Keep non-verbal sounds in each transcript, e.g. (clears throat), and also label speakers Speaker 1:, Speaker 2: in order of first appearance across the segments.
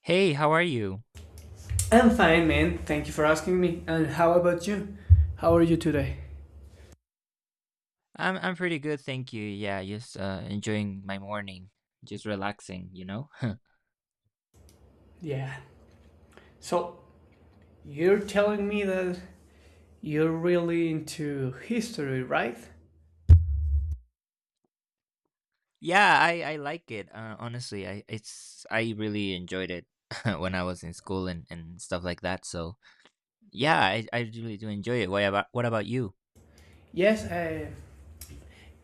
Speaker 1: Hey, how are you?
Speaker 2: I'm fine, man. Thank you for asking me. And how about you? How are you today?
Speaker 1: I'm pretty good, thank you. Yeah, just enjoying my morning, just relaxing, you know? (laughs)
Speaker 2: Yeah. So, you're telling me that you're really into history, right?
Speaker 1: Yeah, I like it. Honestly, I really enjoyed it (laughs) when I was in school and stuff like that. So yeah, I really do enjoy it. What about you?
Speaker 2: Yes, I,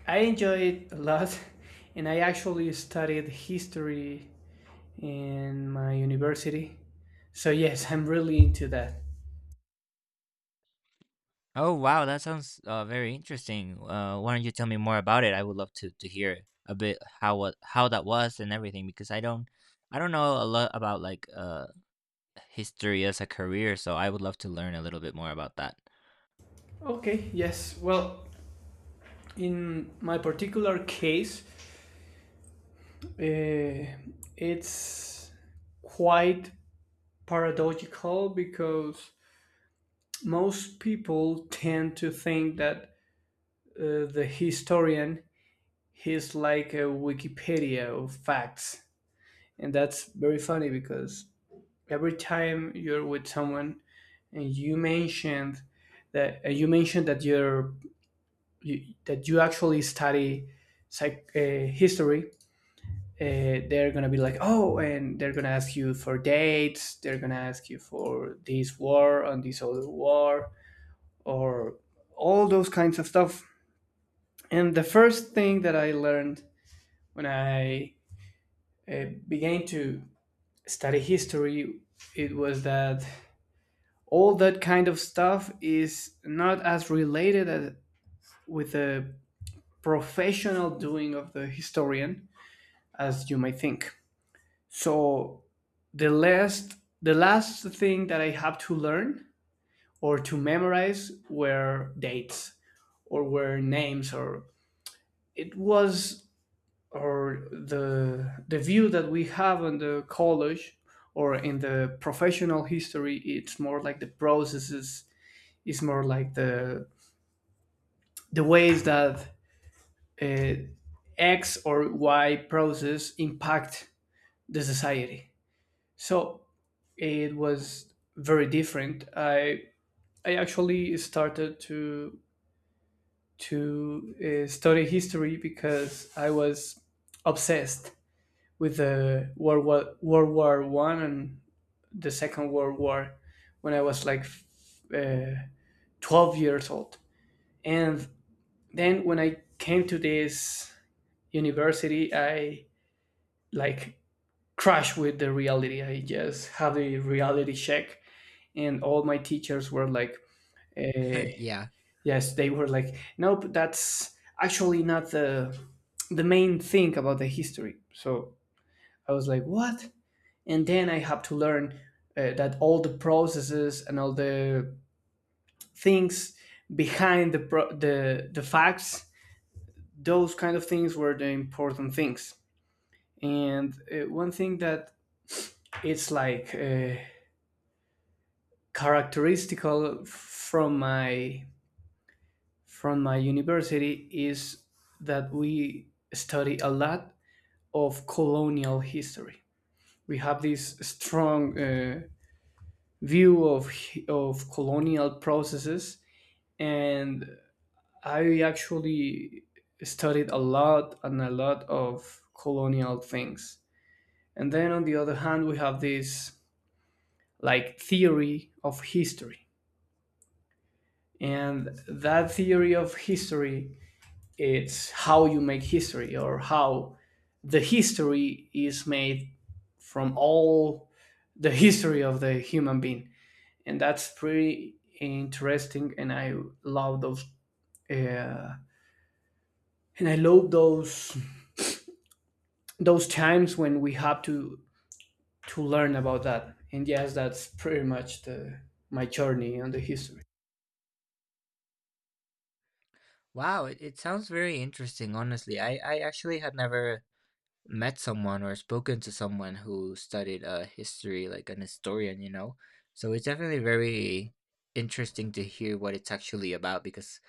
Speaker 2: I enjoy it a lot. (laughs) And I actually studied history in my university. So, yes, I'm really into that.
Speaker 1: Oh wow, that sounds very interesting. Why don't you tell me more about it? I would love to hear a bit how that was and everything, because I don't know a lot about like history as a career, so I would love to learn a little bit more about that.
Speaker 2: Okay, yes. Well, in my particular case, uh, it's quite paradoxical because most people tend to think that the historian is like a Wikipedia of facts. And that's very funny because every time you're with someone and you mentioned that and you mentioned that that you actually study history, they're gonna be like, oh, and they're gonna ask you for dates. They're gonna ask you for this war and this other war, or all those kinds of stuff. And the first thing that I learned when I began to study history, it was that all that kind of stuff is not as related as, with the professional doing of the historian as you might think. So the last the last thing that I have to learn or to memorize were dates or were names or it was or the view that we have on the college or in the professional history, it's more like the processes. It's more like the ways that uh, x or y process impact the society. So it was very different. I actually started to study history because I was obsessed with the world war one and the Second World War when I was like uh, 12 years old. And then when I came to this university, I like crashed with the reality. I just had a reality check, and all my teachers were like, uh,
Speaker 1: (laughs) Yeah.
Speaker 2: yes, they were like, nope, that's actually not the main thing about the history. So I was like, what? And then I have to learn that all the processes and all the things behind the facts, those kind of things were the important things. And one thing that it's like characteristical from my university is that we study a lot of colonial history. We have this strong view of colonial processes. And I actually studied a lot and a lot of colonial things. And then on the other hand, we have this like theory of history. And that theory of history, it's how you make history or how the history is made from all the history of the human being. And that's pretty interesting. And I love those, uh, and I love those times when we have to learn about that. And yes, that's pretty much the my journey on the history.
Speaker 1: Wow, it sounds very interesting, honestly. I actually had never met someone or spoken to someone who studied history, like an historian, you know? So it's definitely very interesting to hear what it's actually about, because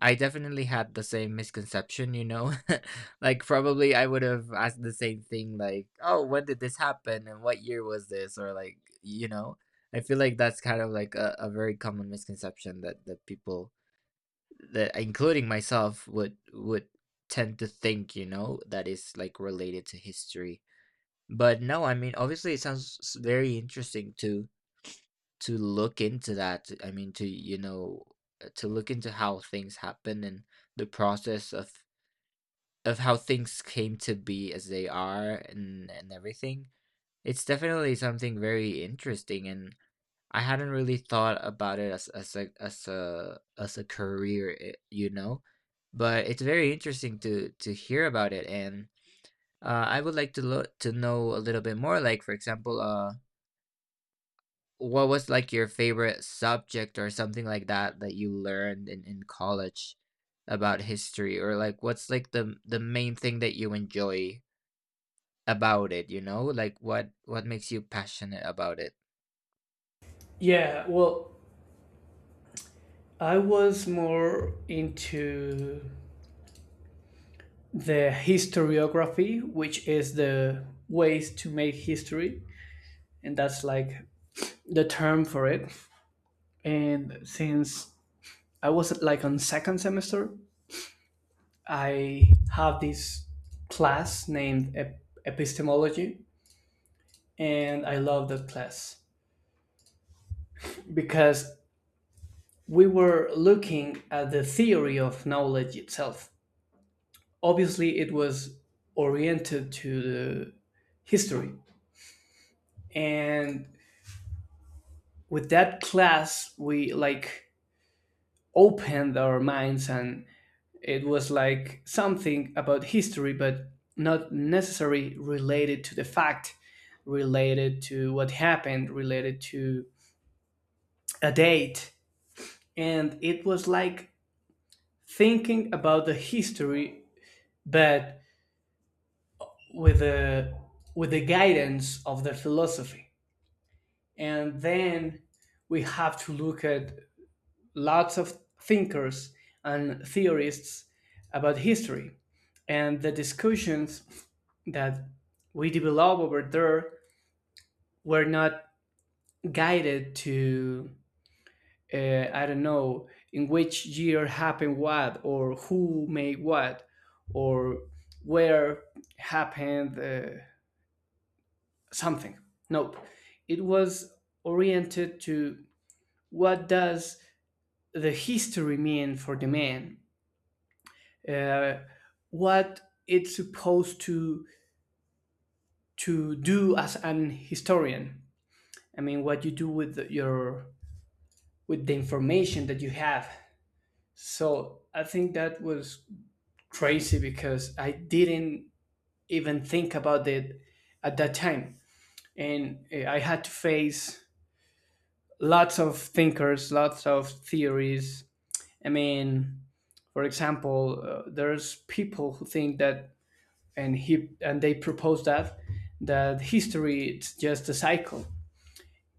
Speaker 1: I definitely had the same misconception, you know? (laughs) Like, probably I would have asked the same thing, like, oh, when did this happen and what year was this? Or, like, I feel like that's kind of like a very common misconception that, that people, that including myself, would tend to think, that is like related to history. But no, I mean, obviously, it sounds very interesting to look into that. I mean, to to look into how things happen and the process of how things came to be as they are and everything. It's definitely something very interesting, and I hadn't really thought about it as as a as a career, eh, you know. But it's very interesting to hear about it, and I would like to to know a little bit more. Like, for example, what was, like, your favorite subject or something like that that you learned in college about history? Or, like, what's, like, the main thing that you enjoy about it, you know? Like, what makes you passionate about it?
Speaker 2: Yeah, well, I was more into the historiography, which is the ways to make history, and that's like the term for it. And since I was like on second semester, I have this class named epistemology, and I love that class because we were looking at the theory of knowledge itself. Obviously, it was oriented to the history. And with that class, we like opened our minds and it was like something about history, but not necessarily related to the fact, related to what happened, related to a date. And it was like thinking about the history, but with the with the guidance of their philosophy. And then we have to look at lots of thinkers and theorists about history, and the discussions that we develop over there were not guided to I don't know in which year happened what or who made what or where happened something. Nope. It was oriented to what does the history mean for the man? Uh, what it's supposed to do as an historian. I mean, what you do with the, your with the information that you have. So I think that was crazy because I didn't even think about it at that time, and I had to face lots of thinkers, lots of theories, I mean, for example, there's people who think that, and he and they propose that that history it's just a cycle.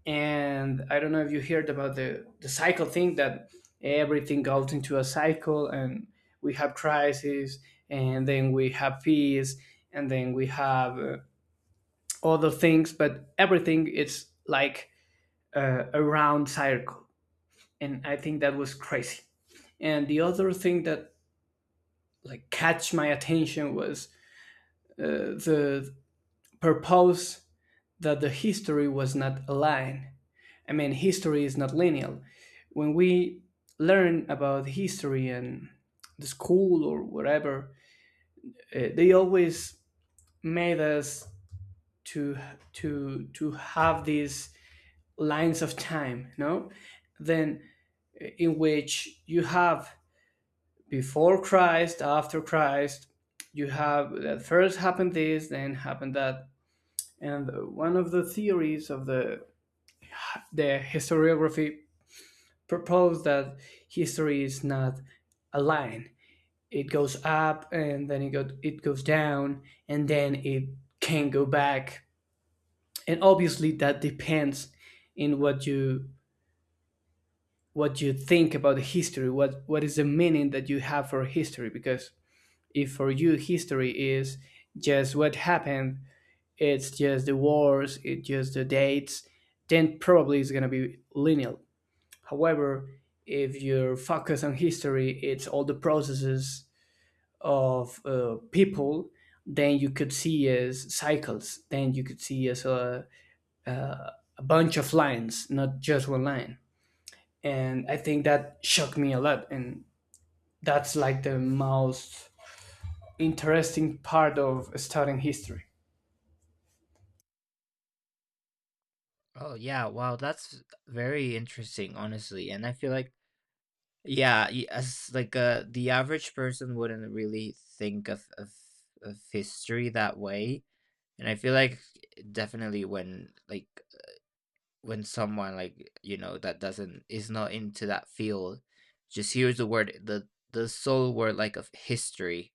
Speaker 2: And I don't know if you heard about the cycle thing that everything goes into a cycle, and we have crisis, and then we have peace, and then we have other things, but everything it's like a round circle, and I think that was crazy. And the other thing that like catch my attention was the purpose that the history was not aligned. I mean, history is not linear. When we learn about history and the school or whatever, they always made us to to have these lines of time, no? Then in which you have before Christ, after Christ, you have that first happened this, then happened that. And one of the theories of the historiography proposed that history is not a line. It goes up and then it goes down and then it can go back. And obviously that depends in what you think about history, what is the meaning that you have for history because if for you history is just what happened, it's just the wars, it's just the dates, then probably it's going to be linear. However, if you're focused on history, it's all the processes of people, then you could see as cycles, then you could see as uh, a bunch of lines, not just one line. And I think that shocked me a lot. And that's like the most interesting part of studying history.
Speaker 1: Oh, yeah. Wow, that's very interesting, honestly, and I feel like yeah, y as, like, the average person wouldn't really think of of history that way, and I feel like definitely when, like when someone like you know that doesn't is not into that field just hears the word the sole word like of history,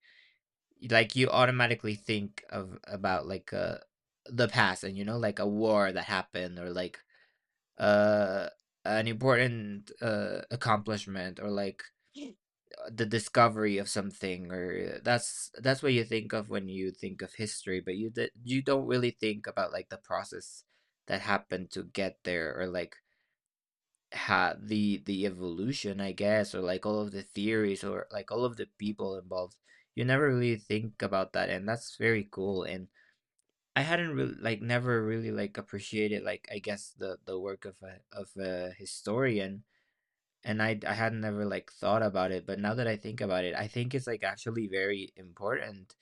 Speaker 1: like you automatically think of about like the past, and you know, like a war that happened, or like uh an important accomplishment, or like the discovery of something, or that's what you think of when you think of history, but you you don't really think about like the process that happened to get there, or like ha the evolution, I guess, or like all of the theories, or like all of the people involved. You never really think about that, and that's very cool. And I hadn't really like never really like appreciated, like I guess the work of a historian, and I had never like thought about it. But now that I think about it, I think it's like actually very important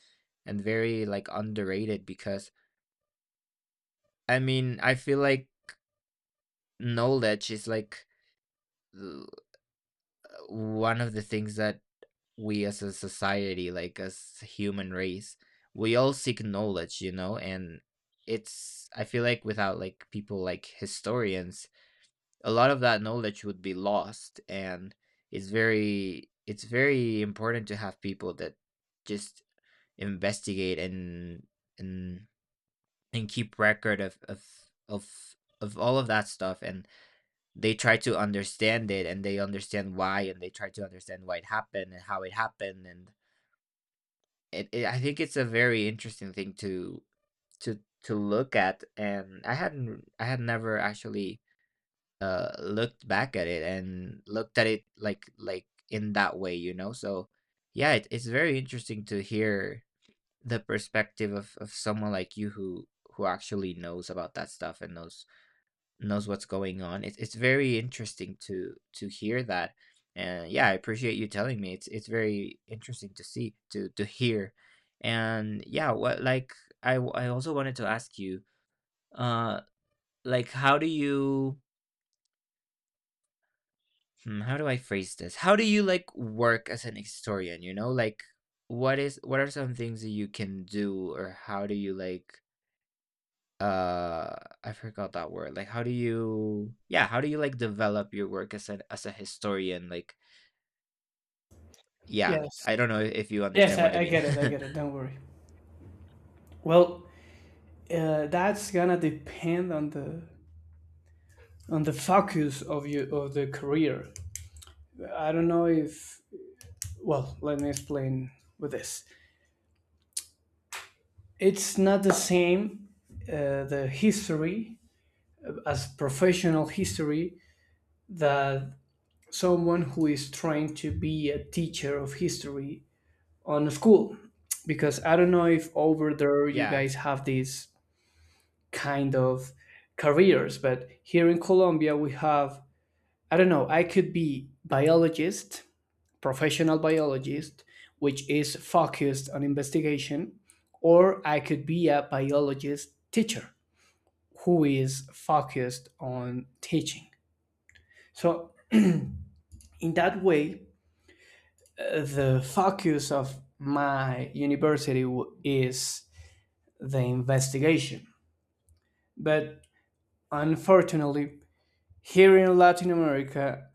Speaker 1: and very like underrated, because I mean, I feel like knowledge is like l- one of the things that we as a society, like as a human race, we all seek knowledge, you know? And it's, I feel like without like people like historians, a lot of that knowledge would be lost, and it's very important to have people that just investigate and and keep record of of all of that stuff, and they try to understand it, and they understand why, and they try to understand why it happened and how it happened. And it I think it's a very interesting thing to look at, and I hadn't I had never actually, looked back at it and looked at it like in that way, you know? So, yeah, it it's very interesting to hear the perspective of someone like you who actually knows about that stuff, and knows knows what's going on. It's very interesting to hear that, and yeah, I appreciate you telling me. It's very interesting to see to hear, and yeah, what like I also wanted to ask you, uh, like how do you hmm, how do I phrase this? How do you like work as an historian? You know, like what is what are some things that you can do, or how do you like uh, I forgot that word. Like how do you yeah, how do you like develop your work as an as a historian? Like yeah,
Speaker 2: Yes.
Speaker 1: I don't know if you
Speaker 2: Yes,
Speaker 1: understand what I
Speaker 2: I
Speaker 1: mean.
Speaker 2: get it. I
Speaker 1: (laughs)
Speaker 2: get it. Don't worry. Well, that's gonna depend on the focus of you of the career. I don't know if well, let me explain with this. It's not the same the history as professional history that someone who is trying to be a teacher of history on a school because I don't know if over there you
Speaker 1: Yeah.
Speaker 2: guys have these kind of careers, but here in Colombia we have I don't know, I could be biologist, professional biologist, which is focused on investigation, or I could be a biologist teacher who is focused on teaching. So in that way, the focus of my university is the investigation. But unfortunately, here in Latin America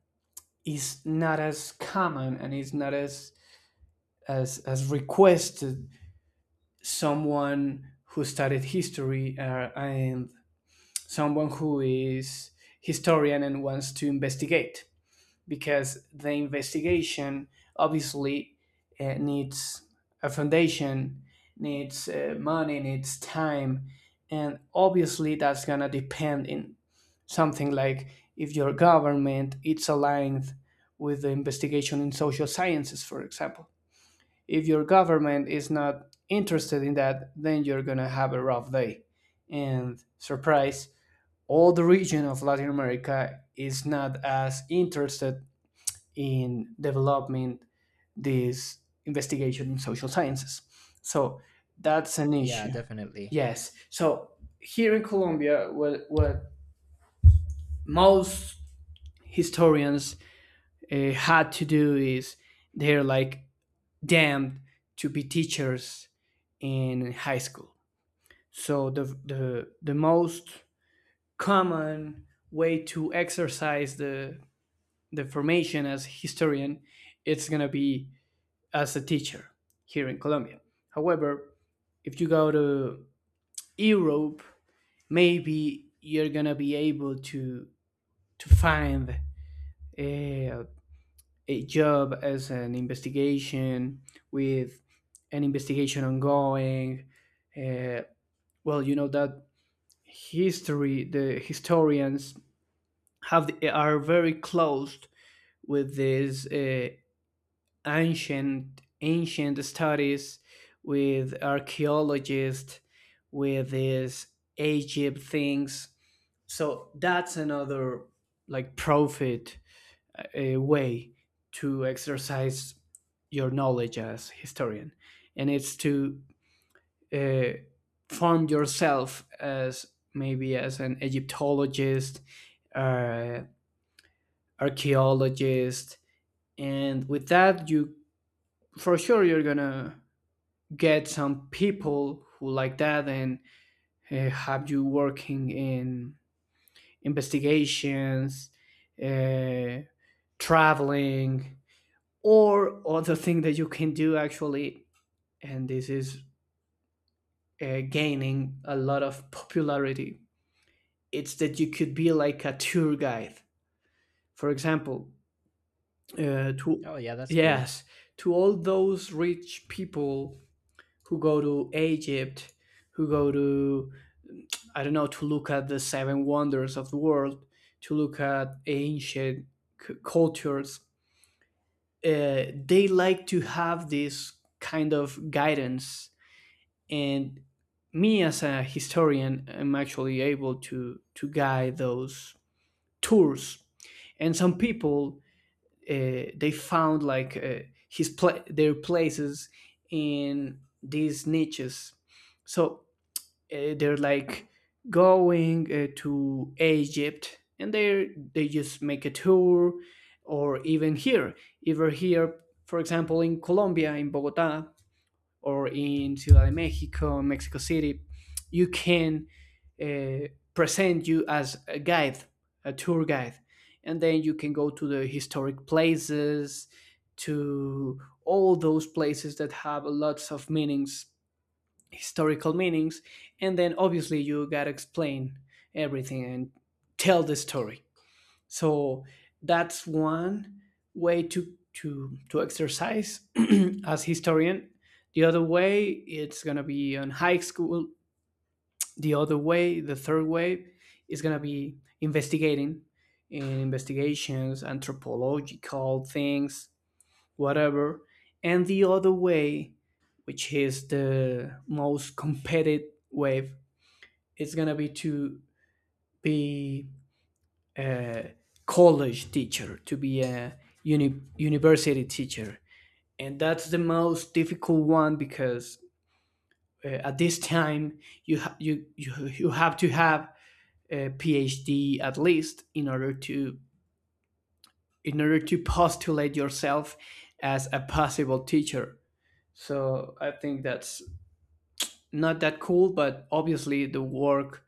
Speaker 2: is not as common and is not as as requested someone who studied history and someone who is historian and wants to investigate because the investigation obviously needs a foundation, needs money, needs time. And obviously that's gonna depend in something like if your government it's aligned with the investigation in social sciences, for example. If your government is not interested in that, then you're gonna have a rough day. And surprise, all the region of Latin America is not as interested in developing this investigation in social sciences. So that's an
Speaker 1: Yeah,
Speaker 2: issue.
Speaker 1: definitely.
Speaker 2: Yes. So here in Colombia, what most historians had to do is they're like damned to be teachers in high school. So the the most common way to exercise the formation as a historian it's going to be as a teacher here in Colombia. However, if you go to Europe, maybe you're going to be able to find uh, a job as an investigation with an investigation ongoing. Uh, well, you know that history, the historians have are very closed with these ancient studies, with archaeologists, with these Egypt things. So that's another like profit a way to exercise your knowledge as historian. And it's to uh, form yourself as maybe as an egyptologist, uh, archaeologist, and with that you for sure you're gonna get some people who like that and have you working in investigations, uh, traveling, or other thing that you can do actually. And this is gaining a lot of popularity. It's that you could be like a tour guide, for example, to
Speaker 1: Oh yeah, that's cool.
Speaker 2: yes, to all those rich people who go to Egypt, who go to I don't know, to look at the seven wonders of the world, to look at ancient cultures. They like to have this kind of guidance, and me as a historian I am actually able to guide those tours. And some people they found like their places in these niches. So they're like going to Egypt and they just make a tour. Or even here for example in Colombia in Bogota or in Ciudad de Mexico, Mexico City, you can uh, present you as a guide, a tour guide, and then you can go to the historic places, to all those places that have lots of meanings, historical meanings, and then obviously you gotta explain everything and tell the story. So that's one way to exercise (clears throat) as historian. The other way it's gonna be on high school. The other way, the third way, is gonna be investigating in investigations, anthropological things, whatever. And the other way, which is the most competitive way, is gonna be to be a college teacher, to be a university teacher. And that's the most difficult one because at this time you, ha- you have to have a PhD at least in order to postulate yourself as a possible teacher. So I think that's not that cool, but obviously the work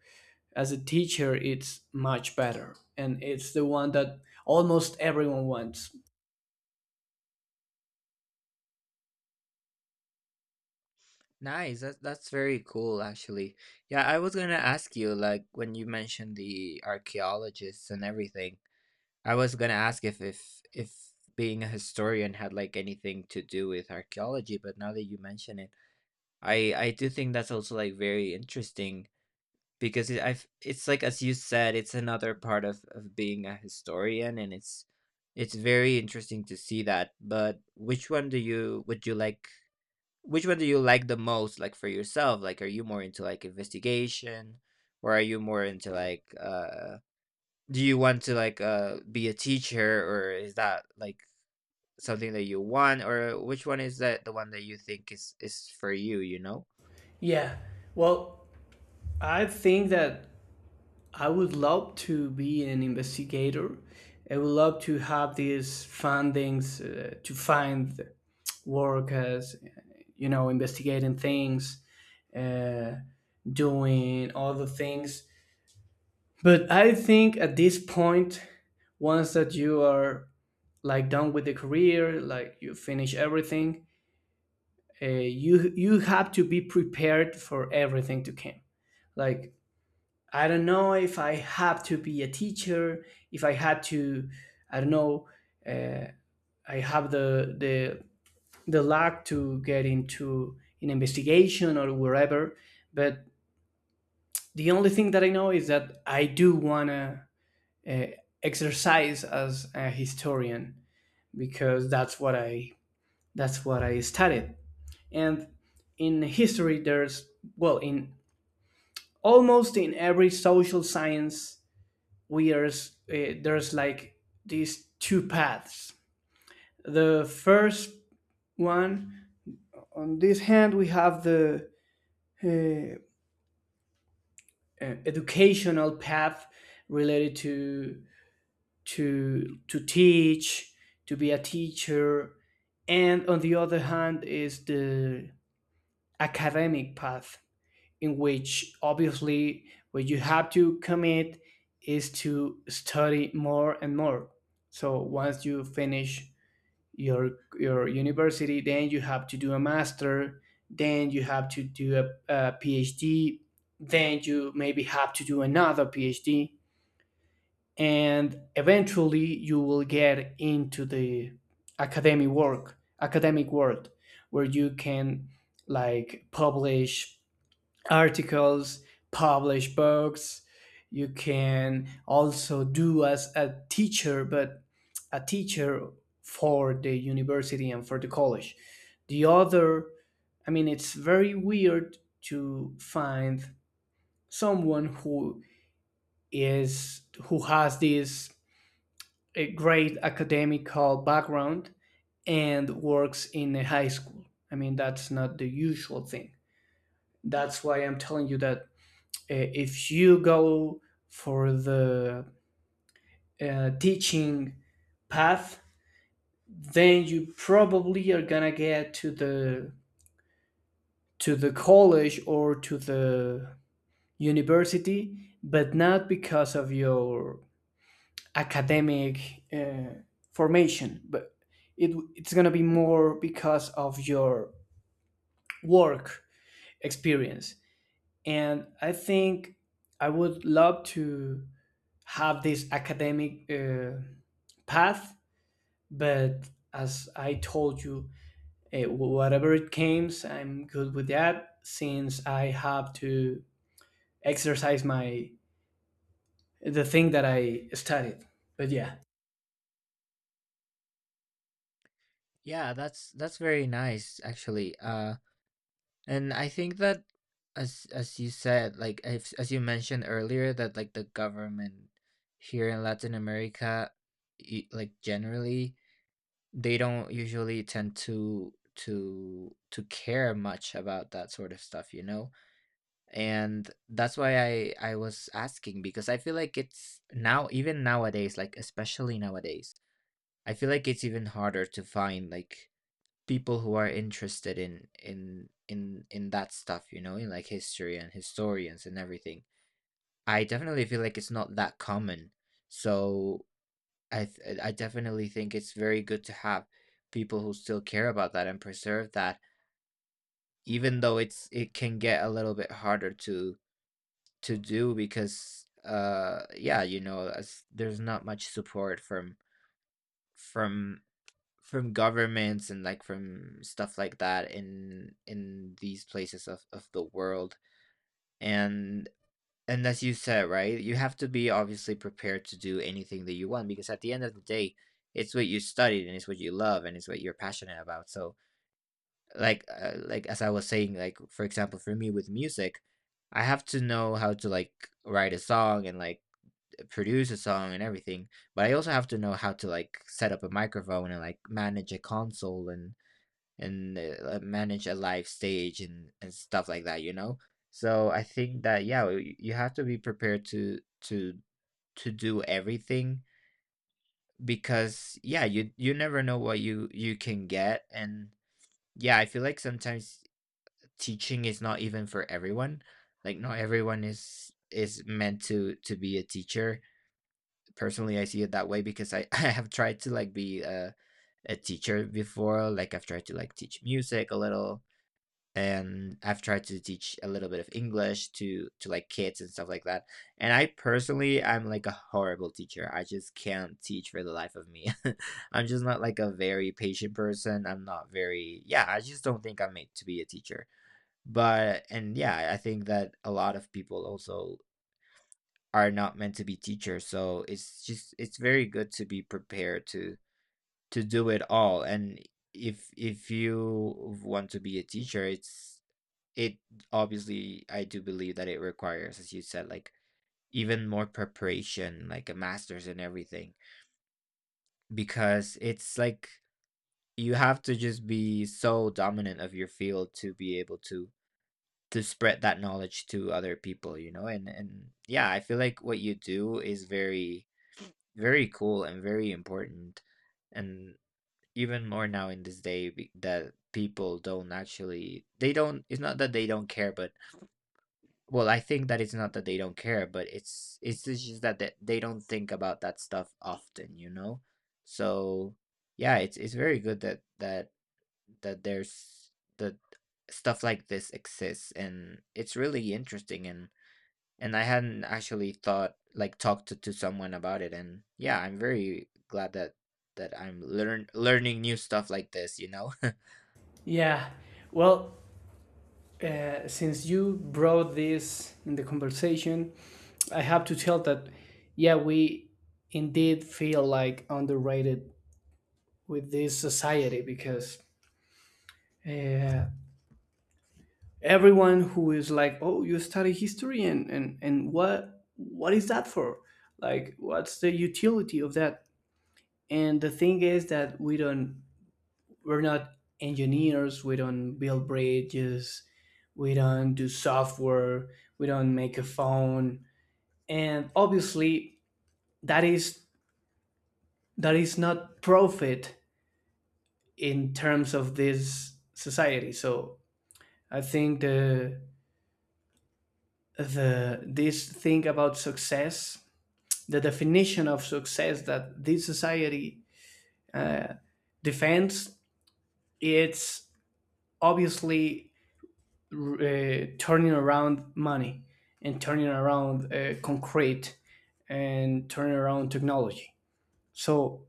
Speaker 2: as a teacher it's much better and it's the one that almost everyone wants.
Speaker 1: Nice. That's very cool actually. Yeah, I was gonna ask you, like when you mentioned the archaeologists and everything, I was gonna ask if if being a historian had like anything to do with archaeology, but now that you mention it, I do think that's also like very interesting. Because it I've it's like as you said, it's another part of being a historian, and it's very interesting to see that. But which one do you would you like which one do you like the most, like, for yourself? Like, are you more into, like, investigation, or are you more into, like, uh, do you want to, like, be a teacher, or is that, like, something that you want? Or which one is that the one that you think is for you, you know?
Speaker 2: Yeah. Well, I think that I would love to be an investigator. I would love to have these fundings to find work as, you know, investigating things, uh, doing all the things. But I think at this point, once that you are like done with the career, like you finish everything, you have to be prepared for everything to come. Like I don't know if I have to be a teacher, if I had to, I don't know, uh, I have the the luck to get into an investigation or wherever. But the only thing that I know is that I do wanna uh, exercise as a historian because that's what I studied. And in history, there's well in almost in every social science we are s- eh, there's like these two paths. The first one, on this hand, we have the eh, educational path related to to teach, to be a teacher, and on the other hand is the academic path, in which obviously what you have to commit is to study more and more. So once you finish your university, then you have to do a master, then you have to do a PhD, then you maybe have to do another PhD, and eventually you will get into the academic world where you can like publish articles, publish books. You can also do as a teacher, but a teacher for the university and for the college. The other, I mean, it's very weird to find someone who is who has this a great academical background and works in a high school. I mean, that's not the usual thing. That's why I'm telling you that uh, if you go for the teaching path, then you probably are gonna get to the college or to the university, but not because of your academic formation, but it's gonna be more because of your work experience. And I think I would love to have this academic path, but as I told you, whatever it comes, I'm good with that since I have to exercise my the thing that I studied. But yeah,
Speaker 1: Yeah, that's very nice, actually. Uh, and I think that as you said, like as you mentioned earlier, that like the government here in Latin America, like generally, they don't usually tend to care much about that sort of stuff, you know? And that's why I was asking, because I feel like it's now even nowadays, like especially nowadays, I feel like it's even harder to find like people who are interested in that stuff, you know, in like history and historians and everything. I definitely feel like it's not that common. So I definitely think it's very good to have people who still care about that and preserve that, even though it's it can get a little bit harder to do, because uh, yeah, you know as, there's not much support from from governments and like from stuff like that in these places of the world. and and as you said, right, you have to be obviously prepared to do anything that you want, because at the end of the day, it's what you studied, and it's what you love, and it's what you're passionate about. So like as I was saying, like for example for me with music, I have to know how to like write a song and like produce a song and everything, but I also have to know how to like set up a microphone and like manage a console, and manage a live stage and stuff like that, you know? So I think that yeah, you have to be prepared to do everything, because yeah, you never know what you can get. And yeah, I feel like sometimes teaching is not even for everyone. Like not everyone is meant to be a teacher. Personally, I see it that way, because I (laughs) I have tried to like be a teacher before. Like I've tried to like teach music a little, and I've tried to teach a little bit of English to like kids and stuff like that. And I personally, I'm like a horrible teacher. I just can't teach for the life of me. (laughs) I'm just not like a very patient person. I'm not very yeah. I just don't think I'm made to be a teacher. But and yeah, I think that a lot of people also are not meant to be teachers. So it's just it's very good to be prepared to do it all. And if you want to be a teacher, it's it obviously, I do believe that it requires, as you said, like even more preparation, like a master's and everything, because it's like you have to just be so dominant of your field to be able to spread that knowledge to other people, you know? And yeah, I feel like what you do is very very cool and very important. And even more now in this day, that people don't actually they don't, it's not that they don't care, but well, I think that it's not that they don't care, but it's just that that they don't think about that stuff often, you know? So yeah, it's very good that that there's that stuff like this exists, and it's really interesting. And I hadn't actually thought like talked to someone about it, and yeah, I'm very glad that that I'm learn learning new stuff like this, you know? (laughs)
Speaker 2: yeah. Well, since you brought this in the conversation, I have to tell that yeah, we indeed feel like underrated with this society because uh, everyone who is like, oh, you study history and and what is that for, like what's the utility of that? And the thing is that we're not engineers, we don't build bridges, we don't do software, we don't make a phone. And obviously that is that is not profit in terms of this society. So I think the this thing about success, the definition of success that this society defends, it's obviously turning around money and turning around concrete and turning around technology. So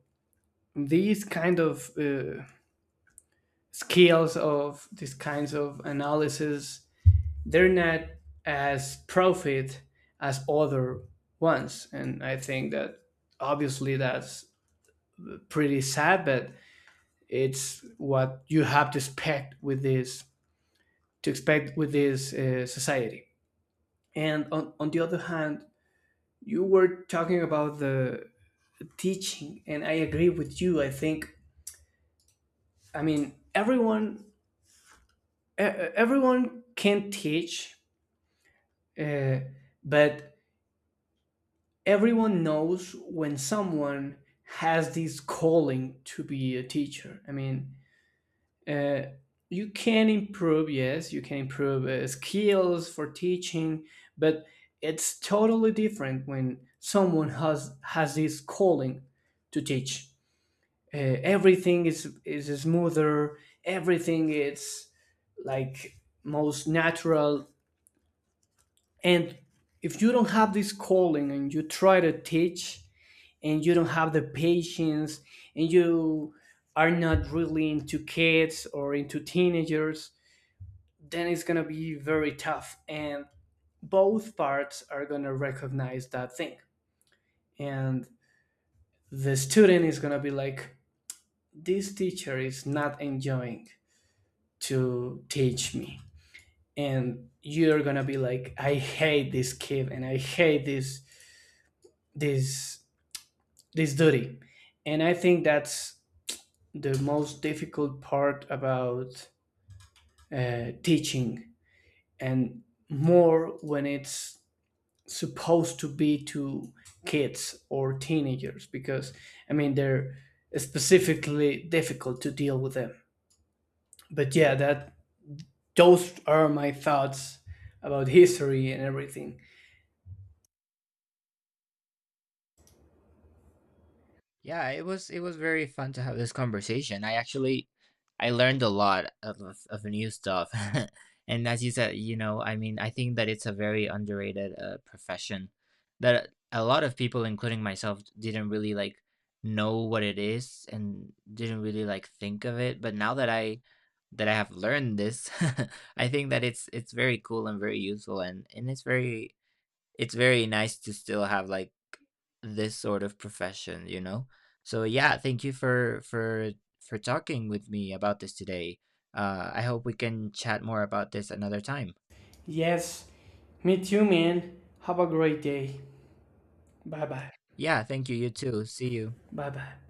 Speaker 2: these kind of skills, of these kinds of analysis, they're not as profit as other ones. And I think that obviously that's pretty sad, but it's what you have to expect with this society. And on the other hand, you were talking about the teaching, and I agree with you. I think, I mean, everyone everyone can teach, uh, but everyone knows when someone has this calling to be a teacher. I mean, uh, you can improve, yes, you can improve skills for teaching, but it's totally different when someone has this calling to teach. Uh, everything is smoother, everything is like most natural. And if you don't have this calling and you try to teach, and you don't have the patience, and you are not really into kids or into teenagers, then it's going to be very tough, and both parts are going to recognize that thing. And the student is going to be like, this teacher is not enjoying to teach me, and you're going to be like, I hate this kid and I hate this this this duty. And I think that's the most difficult part about teaching, and more when it's supposed to be to kids or teenagers because I mean they're specifically difficult to deal with them. But yeah, that those are my thoughts about history and everything.
Speaker 1: Yeah, it was very fun to have this conversation. I actually I learned a lot of new stuff. (laughs) And as you said, you know, I mean, I think that it's a very underrated profession that a lot of people including myself didn't really like know what it is, and didn't really like think of it. But now that I have learned this, (laughs) I think that it's very cool and very useful, and it's very nice to still have like this sort of profession, you know? So yeah, thank you for talking with me about this today. Uh, I hope we can chat more about this another time.
Speaker 2: Yes, me too, man. Have a great day. Bye bye.
Speaker 1: Yeah, thank you, you too, see you.
Speaker 2: Bye bye.